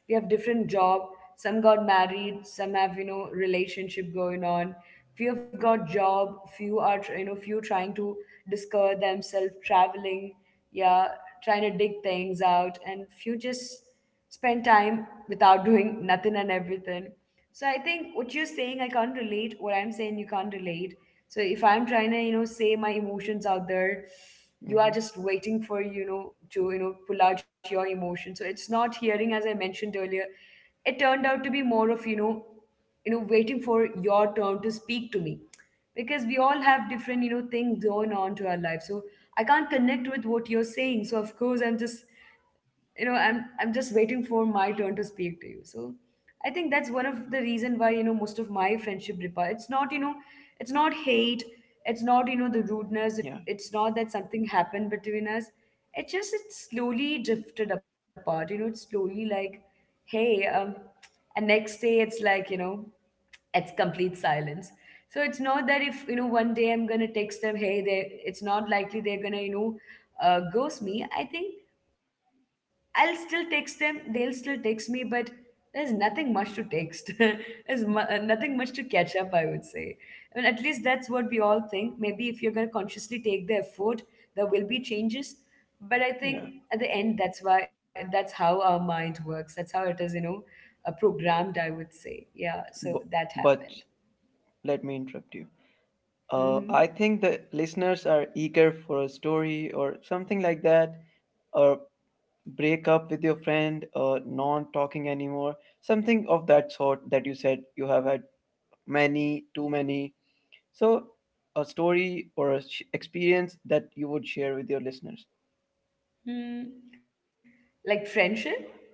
we have different job, some got married, some have relationship going on, few have got job, few are tr- you know few trying to discover themselves, traveling, yeah, trying to dig things out, and few just spend time without doing nothing and everything. So I think what you're saying, I can't relate. What I'm saying, you can't relate. So if I'm trying to, say my emotions out there, you are Hmm. just waiting for, to, pull out your emotion. So it's not hearing, as I mentioned earlier. It turned out to be more of, waiting for your turn to speak to me. Because we all have different, things going on to our life. So I can't connect with what you're saying. So of course I'm just, i'm just waiting for my turn to speak to you. So I think that's one of the reason why most of my friendship repair, it's not, it's not hate, it's not the rudeness, it, Yeah. it's not that something happened between us. It just it slowly drifted apart. It's slowly like, hey, and next day it's like, it's complete silence. So it's not that, if one day I'm gonna text them, hey, they it's not likely they're gonna, ghost me, I think. I'll still text them, they'll still text me, but there's nothing much to text. There's nothing much to catch up, I would say. I mean, at least that's what we all think. Maybe if you're gonna consciously take the effort, there will be changes. But I think Yeah. at the end, that's how our mind works. That's how it is, programmed, I would say. Yeah, so Bu- that happened. but let me interrupt you. Hmm. I think the listeners are eager for a story or something like that, or break up with your friend, or not talking anymore, something of that sort that you said you have had many, too many. So a story or a experience that you would share with your listeners. Hmm. Like friendship?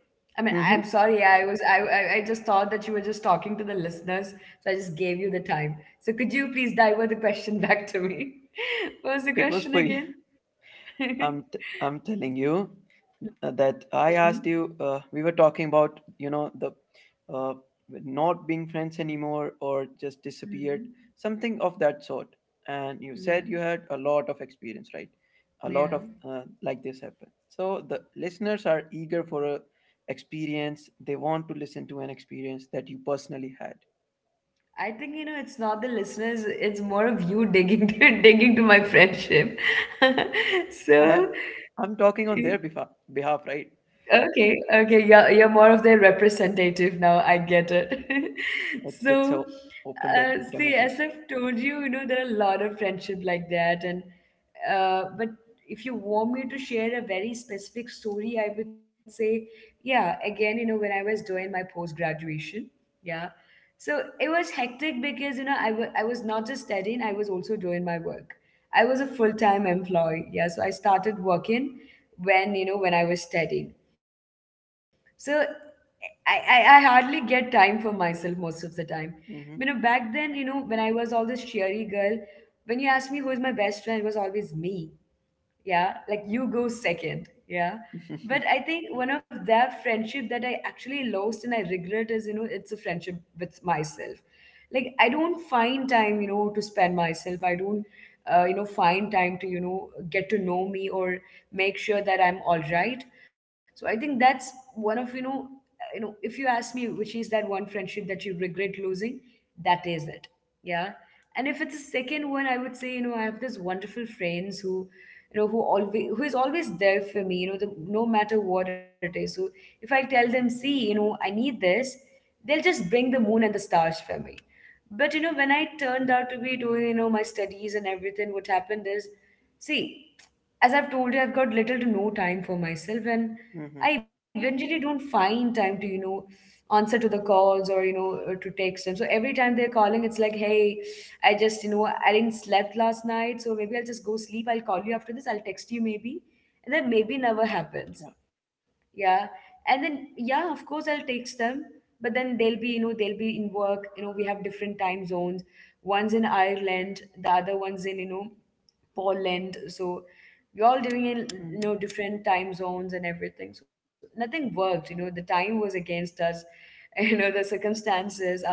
I mean, I'm Mm-hmm. sorry. I was I just thought that you were just talking to the listeners, so I just gave you the time. So could you please divert the question back to me? What was the It was question for you. again? I'm, I'm telling you. Mm-hmm. That I asked you, we were talking about, you know, the uh, not being friends anymore or just Mm-hmm. disappeared, something of that sort. And you said Yeah. you had a lot of experience, right? A lot Yeah. of like this happened. So the listeners are eager for a experience. They want to listen to an experience that you personally had. I think it's not the listeners, it's more of you digging to digging to my friendship. I, So I'm talking on their behalf, behalf, right? okay, okay, yeah, you're more of their representative now. I get it. It's a So, open dec see, democracy. as I've told you, there are a lot of friendship like that, and but if you want me to share a very specific story, I would say, yeah, again, when I was doing my post graduation, yeah, so it was hectic because I was not just studying, I was also doing my work. I was a full time employee, yeah, so I started working when when I was studying. So I hardly get time for myself most of the time. Hmm. Back then, when I was all this cheery girl, when you asked me who is my best friend, it was always me. Yeah, like, you go second. Yeah, Hmm. but I think one of that friendship that I actually lost and I regret is you know it's a friendship with myself. Like, I don't find time to spend myself. I don't find time to get to know me or make sure that I'm all right. So I think that's one of, if you ask me which is that one friendship that you regret losing, that is it. Yeah. And if it's a second one, I would say, I have this wonderful friends who, who always who is always there for me, the, no matter what it is. So if I tell them, see, I need this, they'll just bring the moon and the stars for me. But when I turned out to be doing my studies and everything, what happened is, see, as I've told you, I've got little to no time for myself, and I eventually don't find time to, answer to the calls or, to text them. So every time they're calling, it's like, hey, I just, I didn't slept last night, so maybe I'll just go sleep. I'll call you after this. I'll text you maybe. And then maybe never Yeah. happens. Yeah. And then, yeah, of course, I'll text them. But then they'll be, they'll be in work. We have different time zones. One's in Ireland, the other one's in, Poland. So we're all doing in Hmm. Different time zones and everything. So nothing worked. The time was against us. The circumstances are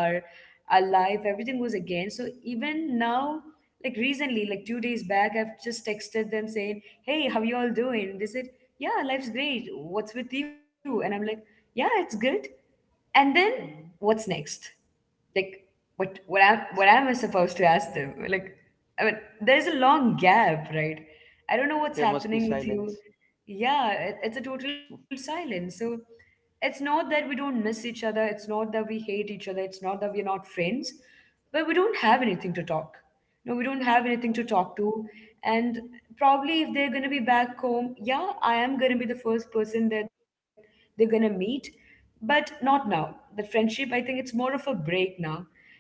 alive, everything was again. So even now, like recently, like 2 days back, I've just texted them saying, hey, how you all doing? They said, yeah, life's great. What's with you? And I'm like, yeah, it's good. And then, what's next? Like, what am I supposed to ask them? Like, I mean, there's a long gap, right? I don't know what's There must be happening with you. silence. Yeah, it's a total silence. So it's not that we don't miss each other. It's not that we hate each other. It's not that we're not friends, but we don't have anything to talk. No, we don't have anything to talk to. And probably if they're going to be back home, yeah, I am going to be the first person that they're going to meet, but not now. That friendship, I think it's more of a break now.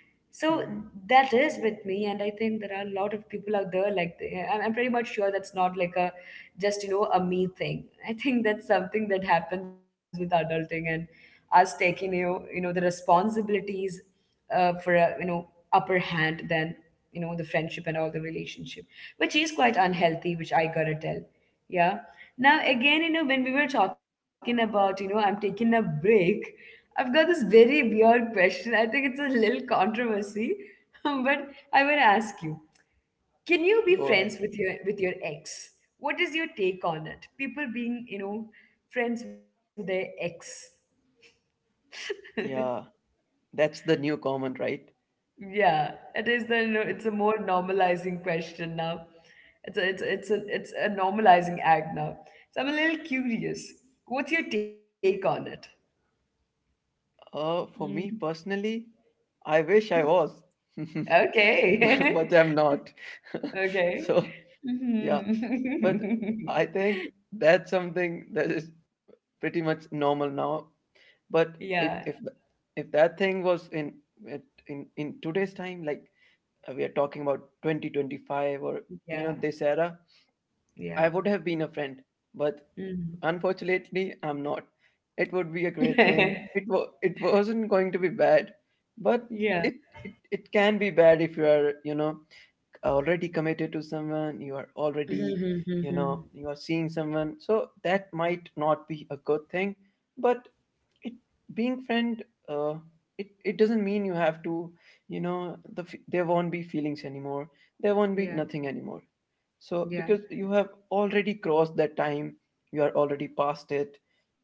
So Hmm. that is with me, and I think there are a lot of people out there like, I'm pretty much sure that's not like a just, a me thing. I think that's something that happens with adulting, and us taking the responsibilities, for a, upper hand than, the friendship and all the relationship, which is quite Yeah, unhealthy, which I gotta tell. Yeah. Now, again, when we were talking about, I'm taking a break, I've got this very weird question. I think it's a little controversy, but I want to ask you. Can you be go friends ahead, with please. your ex? What is your take on it? People being, friends with their ex. Yeah, that's the new common, right? Yeah, it is the no- it's a more normalizing question now. It's a, it's a normalizing act now. So I'm a little curious. What's your take on it? Mm. For me personally, I wish I was, Okay. but, but I'm not. Okay. So, Mhm. yeah, but I think that's something that is pretty much normal now. But Yeah, if if th- if that thing was in in today's time, like we are talking about 2025 or you know yeah, this era, yeah. I would have been a friend, but Mm. unfortunately, I'm not. It would be a great thing. It wasn't going to be bad, but Yeah. it, it it can be bad if you are already committed to someone. You are already you Mm-hmm. know you are seeing someone, so that might not be a good thing. But it being friend, uh, it doesn't mean you have to you know there won't be feelings anymore. There won't be Yeah, nothing anymore so, because yeah. you have already crossed that time, you are already past it,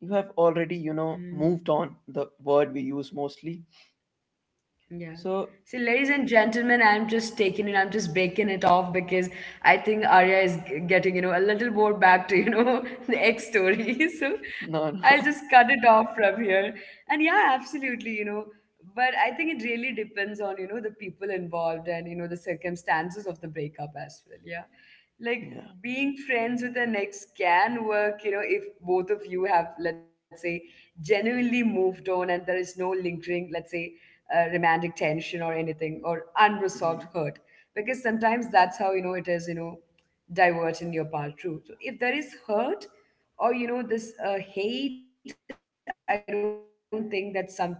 you have already, you Mm, know, moved on, the word we use mostly. yeah. So, So, ladies and gentlemen, I'm just taking it, I'm just baking it off because I think Arya is getting, a little more back to, the egg story. So, no, no, I'll just cut it off from here. And yeah, absolutely, but I think it really depends on the people involved and the circumstances of the breakup as well. Yeah. Like, yeah. being friends with an ex can work, if both of you have, let's say, genuinely moved on and there is no lingering, let's say, romantic tension or anything or unresolved Mhm. hurt, because sometimes that's how, it is, divert in your part too. So if there is hurt, or this, hate, I don't think that's something that you should even try to win,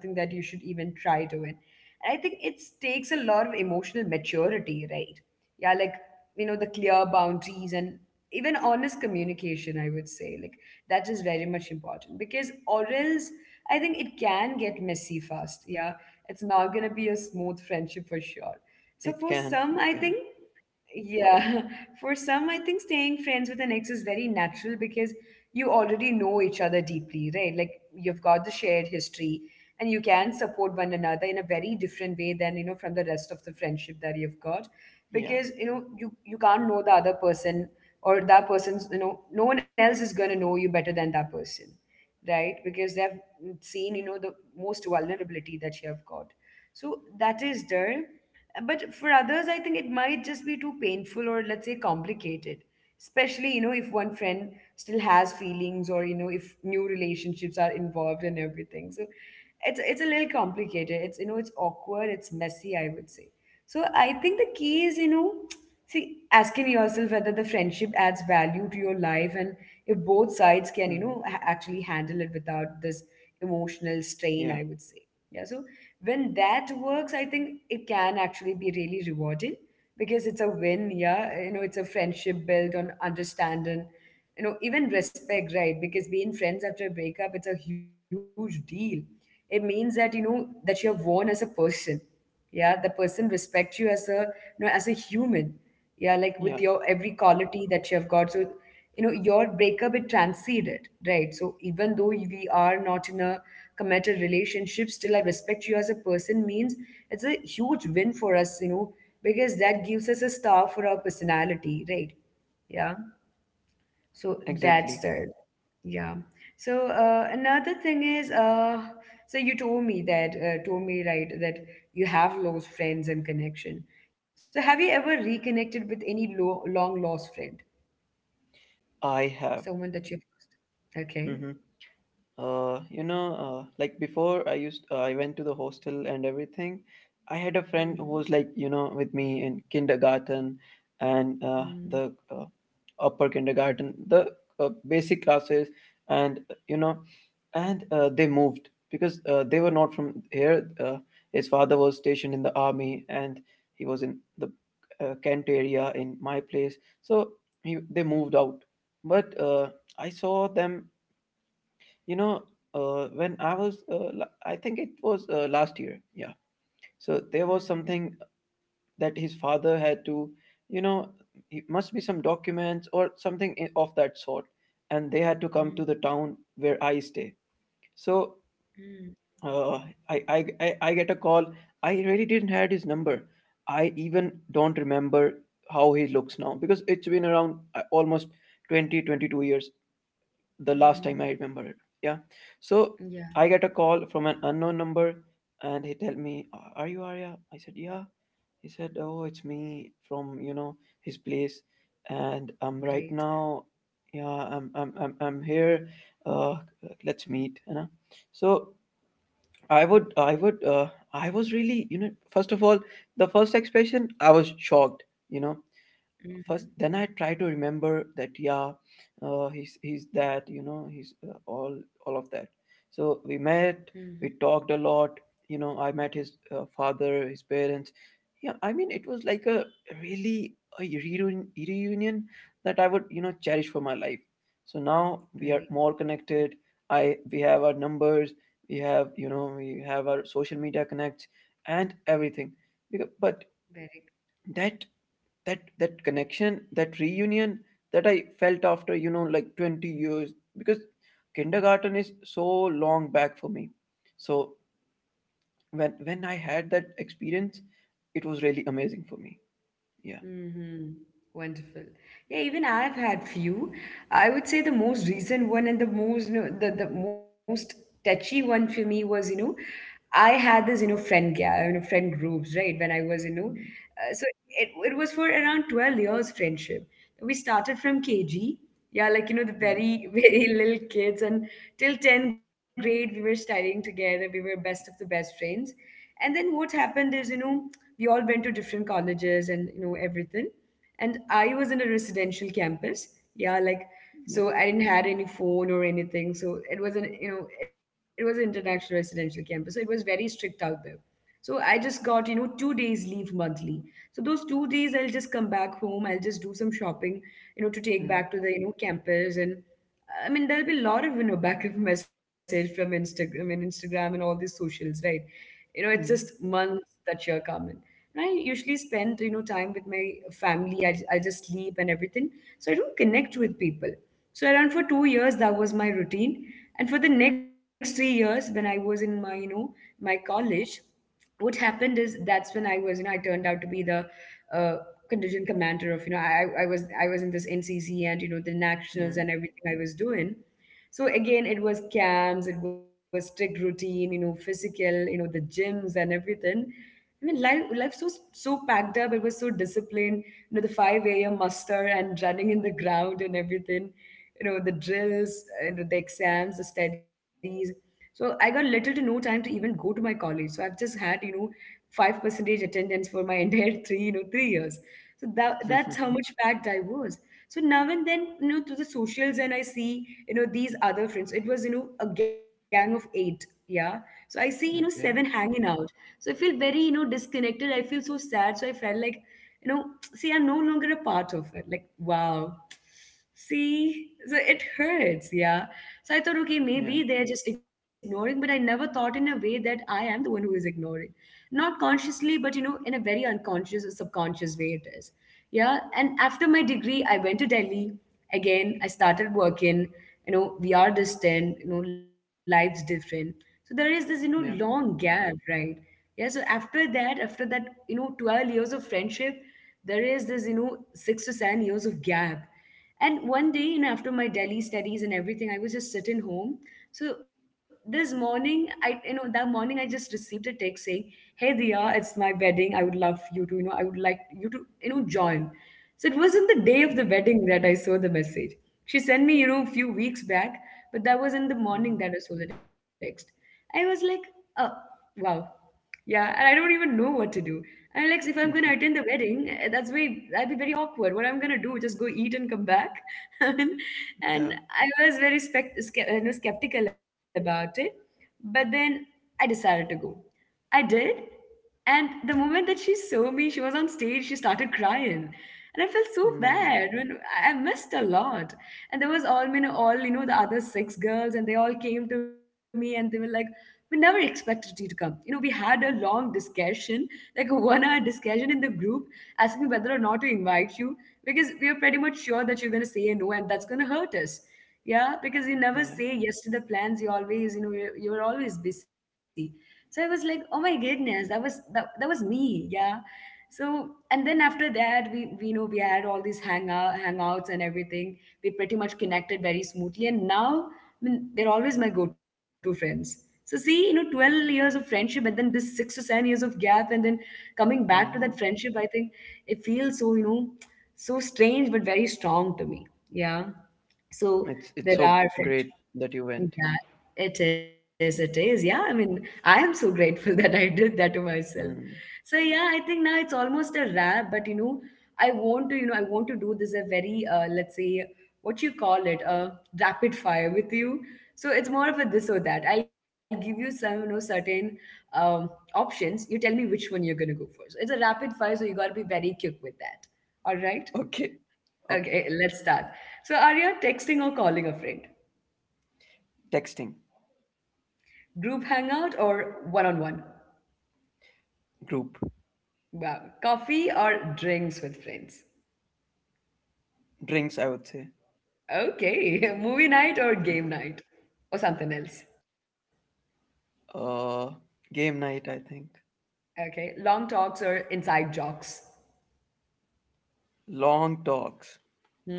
and I think it takes a lot of emotional maturity, right? Yeah, like, the clear boundaries and even honest communication, I would say, like, that is very much important, because or else I think it can get messy fast. Yeah, it's not going to be a smooth friendship for sure. So for some, It I think, can, it can, yeah, for some, I think staying friends with an ex is very natural because you already know each other deeply, right? Like, you've got the shared history, and you can support one another in a very different way than, from the rest of the friendship that you've got. yeah. Because, you know, you can't know the other person or that person's, you know, no one else is going to know you better than that person, right? Because they've seen, you know, the most vulnerability that you have got. So that is there. But for others, I think it might just be too painful or let's say complicated. Especially, you know, if one friend still has feelings or, you know, if new relationships are involved and everything. So it's a little complicated. It's it's awkward, it's messy, I would say. So I think the key is, you know, see, asking yourself whether the friendship adds value to your life and if both sides Hmm. can, you know, actually handle it without this emotional Yeah, strain, I would say. Yeah. So when that works, I think it can actually be really rewarding because it's a win. Yeah, you know, it's a friendship built on understanding, you know, even respect, right? Because being friends after a breakup, it's a huge deal. It means that you know that you have grown as a person. Yeah, the person respects you as a you know as a human. Yeah, like yeah, with your every quality that you have got. So you know your breakup it transcended, right? So even though we are not in a committed relationship, still I respect you as a person means it's a huge win for us, you know, because that gives us a star for our personality, right? Yeah, so exactly. that's it. Yeah, so another thing is so you told me that told me right that you have lost friends and connection. So have you ever reconnected with any long lost friend? I have. Someone that you. Okay. Hmm. You know, like before I used, I went to the hostel and everything. I had a friend who Mhm. was like, you know, with me in kindergarten, and Mhm. the upper kindergarten, the basic classes, and you know, and they moved because they were not from here. His father was stationed in the army, and he was in the Kent area in my place. So they moved out. But I saw them, you know, when I was, I think it was last year. Yeah. So there was Mhm. something that his father had to, you know, it must be some documents or something of that sort. And they had to come Mhm. to the town where I stay. So Mhm. uh, I get a call. I really didn't had his number. I even don't remember how he looks now because it's been around almost 20 22 years the last time Mhm. I remember it. Yeah. Yeah, So I get a call from an unknown number and he tell me, "A- Are you Arya?" I said, "Yeah." He said, "Oh, it's me from, you know, his place. And I'm great. right now, yeah, I'm I'm here. Uh let's meet, you know." So I would I would uh I was really, you know, first of all, the first expression, I was shocked, you know. Mhm. First then I try to remember that yeah, he's that you know he's all of that. So we Mhm. met, we talked a lot, you know I met his father, his parents. Yeah, I mean it was like a really a reunion that I would you know cherish for my life. So now we Very, are more connected, I we have our numbers, we have you know we have our social media connects and everything because, but very. that that connection, that reunion that I felt after you know like 20 years, because kindergarten is so long back for me. So when I had that experience it was really amazing for me. Yeah. Mm-hmm. Wonderful. Yeah, even I've had few. I would say the most recent one and the most, you know, the most touchy one for me was, you know, I had this, you know, friend, you know, friend groups, right? When I was, you know, Mm. so it was for around 12 years friendship. We started from KG. Yeah, like, you know, the Mm, very, very little kids. And till 10th grade, we were studying together. We were best of the best friends. And then what happened is, you know, we all went to different colleges and, you know, everything, and I was in a residential campus. Yeah, like, yeah. so I didn't had any phone or anything. So it was an you know it was an international residential campus. So it was very strict out there. So I just got, you know, 2 days leave monthly. So those 2 days I'll just come back home. I'll just do some shopping, you know, to take back Mm. to the you know campus. And I mean, there'll be a lot of you know back of message from Instagram and Instagram and all these socials, right? You know, it's just Mm. months that year coming. And I usually spend you know time with my family. I just sleep and everything, so I don't connect with people. So around for 2 years that was my routine, and for the next 3 years when I was in my you know my college, what happened is that's when I was, you know, I turned out to be the uh, contingent commander of, you know, I was in this NCC and you know the nationals and everything I was doing. So again, it was camps, it was strict routine, you know, physical, you know, the gyms and everything. I mean, life so packed up. It was so disciplined. You know, the five a.m. muster and running in the ground and everything. You know, the drills, you know, the exams, the studies. So I got little to no time to even go to my college. So I've just had, you know, five percentage attendance for my entire 3 years. So that Mm. that's how much packed I was. So now and then, you know, to the socials and I see, you know, these other friends. It was, you know, a gang of eight. Yeah. So I see, you know, seven Okay. hanging out. So I feel very, you know, disconnected. I feel so sad. So I felt like, you know, see, I'm no longer a part of it. Like, wow. See, so it hurts, yeah. So I thought, okay, Yeah. maybe they're just ignoring, but I never thought in a way that I am the one who is ignoring. Not consciously, but you know, in a very unconscious or subconscious way it is. Yeah. And after my degree, I went to Delhi again. I started working, you know, we are distant, you know, life's different. So there is this, you know, Yeah. long gap, right? Yeah. So after that, you know, 12 years of friendship, there is this, you know, 6 to 7 years of gap, and one day, you know, after my Delhi studies and everything, I was just sitting home. So this morning, I you know that morning I just received a text saying, "Hey Diya, it's my wedding. I would love you to I would like you to you know join." So it wasn't the day of the Mm. wedding that I saw the message. She sent me you know a few weeks back, but that was in the morning Mhm. that I saw the text. I was like, "Oh wow." Yeah, and I don't even know what to do. And like, if I'm gonna Mhm. attend the wedding, that's very that'd be very awkward. What I'm gonna do? Just go eat and come back. I mean, and Yeah. I was very you know, skeptical about it, but then I decided to go. I did, and the moment that she saw me, she was on stage, she started crying. And I felt so bad. Mm. When I missed a lot. And there was all, you know, the other six girls, and they all came to me and they were like, we never expected you to come. You know, we had a long discussion, like a 1 hour discussion in the group, asking whether or not to invite you, because we are pretty much sure that you're going to say no, and that's going to hurt us. Yeah, because you never Yeah. say yes to the plans. You always, you know, you're always busy. So I was like, oh my goodness, that was me. Yeah. So and then after that we you know we had all these hangouts and everything. We pretty much connected very smoothly, and now I mean they're always my go-to friends. So see, you know, 12 years of friendship and then this 6 to 7 years of gap and then coming back to that Mm. friendship, I think it feels so, you know, so strange but very strong to me. Yeah. So It's there so are great friendships. that you went. Yeah, it is. It is. Yeah, I mean, I am so grateful that I did that to myself. Mm. So yeah, I think now it's almost a wrap. But you know, I want to, you know, I want to do this a very, let's say, what you call it, a rapid fire with you. So it's more of a this or that. I'll give you some, you know, certain um, options. You tell me which one you're gonna go for. So it's a rapid fire, so you gotta be very quick with that. All right. Okay, okay. Okay, let's start. So, are you texting or calling a friend? Texting. Group hangout or one on one? Group. Wow. Coffee or drinks with friends? Drinks, I would say. Okay. Movie night or game night? Or something else? Uh, Game night, I think. Okay. Long talks or inside jokes? Long talks,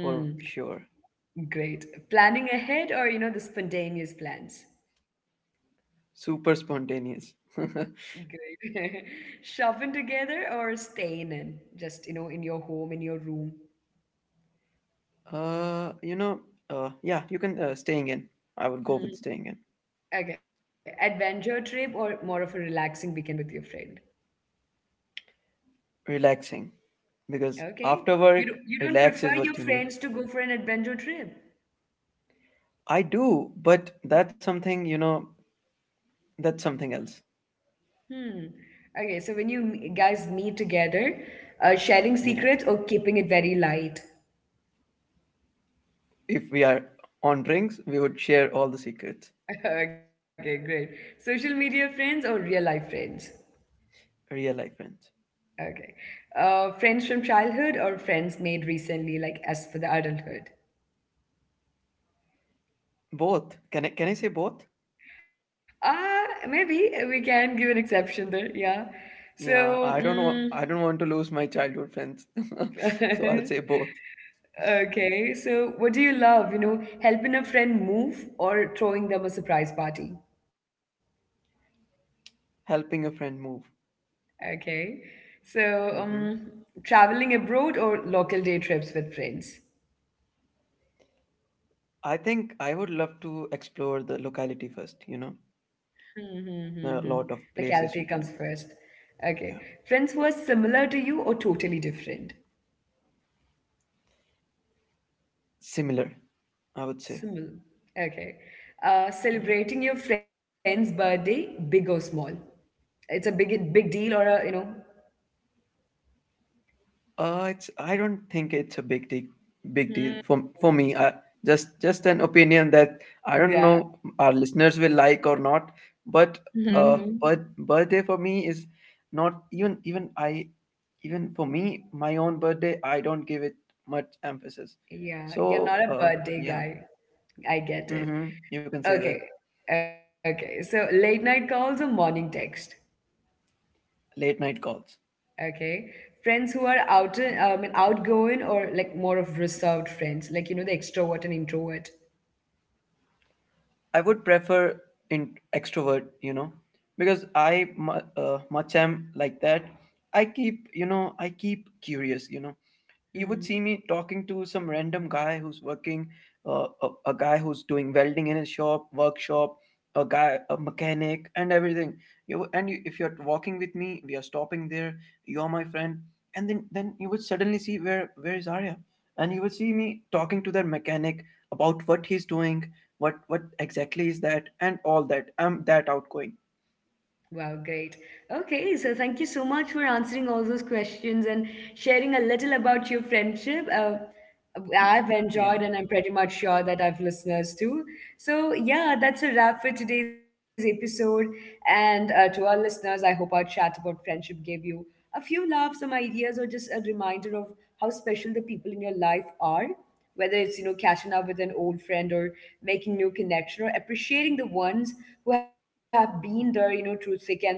for sure. Great. Planning ahead or, you know, the spontaneous plans? Super spontaneous. Great. Shopping together or staying in? Just, you know, in your home, in your room? You know, yeah, you can Staying in. I would go with staying in. Hmm. Okay. Adventure trip or more of a relaxing weekend with your friend? Relaxing, because Okay. after work, You don't relax prefer is your what you need. friends to go for an adventure trip? I do, but that's something you know. That's something else. Hmm. Okay, so when you guys meet together, sharing Yeah. secrets or keeping it very light? If we are on drinks, we would share all the secrets. Okay, great. Social media friends or real life friends? Real life friends. Okay. Friends from childhood or friends made recently, like as for the adulthood? Both. Can I say both? Ah, maybe we can give an exception there, yeah. Yeah, So, I don't know. mm, I don't want to lose my childhood friends. So I'll say both. Okay, so what do you love? You know, helping a friend move or throwing them a surprise party? Helping a friend move. Okay, so Hmm. Traveling abroad or local day trips with friends? I think I would love to explore the locality first, you know. Hmm, hmm, hmm, hmm. There are a lot of Locality comes places we can go. first. Okay, Yeah. friends who are similar to you or totally different? Similar, I would say. Similar. Okay, Yeah. celebrating your friend's birthday, big or small? It's a big big deal or a you know? It's I don't think it's a big deal. Big deal Hmm, for me. Just an opinion that I don't know our listeners will like or not. But yeah. But birthday for me is not even for me my own birthday. I don't give it much emphasis. Yeah, you're not So a birthday yeah, guy. I get it. mm-hmm, you can say that. Okay, okay. So late night calls or morning text. Late night calls. Okay, friends who are Hmm. Outgoing or like more of reserved friends, like you know the extrovert and introvert. I would prefer in extrovert, you know, because much am like that. I keep, you know, I keep curious, you know, you would Mm. see me talking to some random guy who's working, a guy who's doing welding in his shop workshop, a guy, a mechanic and everything. You and you, if you're walking with me we are stopping there, you're my friend, and then you would suddenly see where is Arya, and you would see me talking to that mechanic about what he's doing, what exactly is that and all that. I'm that outgoing. Wow, great. Okay, so thank you so much for answering all those questions and sharing a little about your friendship. Hmm? I've enjoyed, Yeah. and I'm pretty much sure that I've listeners too. So, yeah, that's a wrap for today's episode. And to our listeners, I hope our chat about friendship gave you a few laughs, some ideas, or just a reminder of how special the people in your life are. Whether it's you know catching up with an old friend or making new connection or appreciating the ones who have been there, you know, through thick and thin.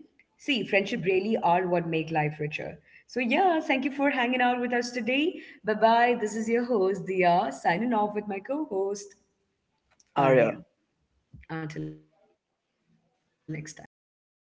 See, friendship really are what make life richer. So yeah, thank you for hanging out with us today. Bye bye. This is your host Dia signing off with my co-host Arya. Arya. Until next time. See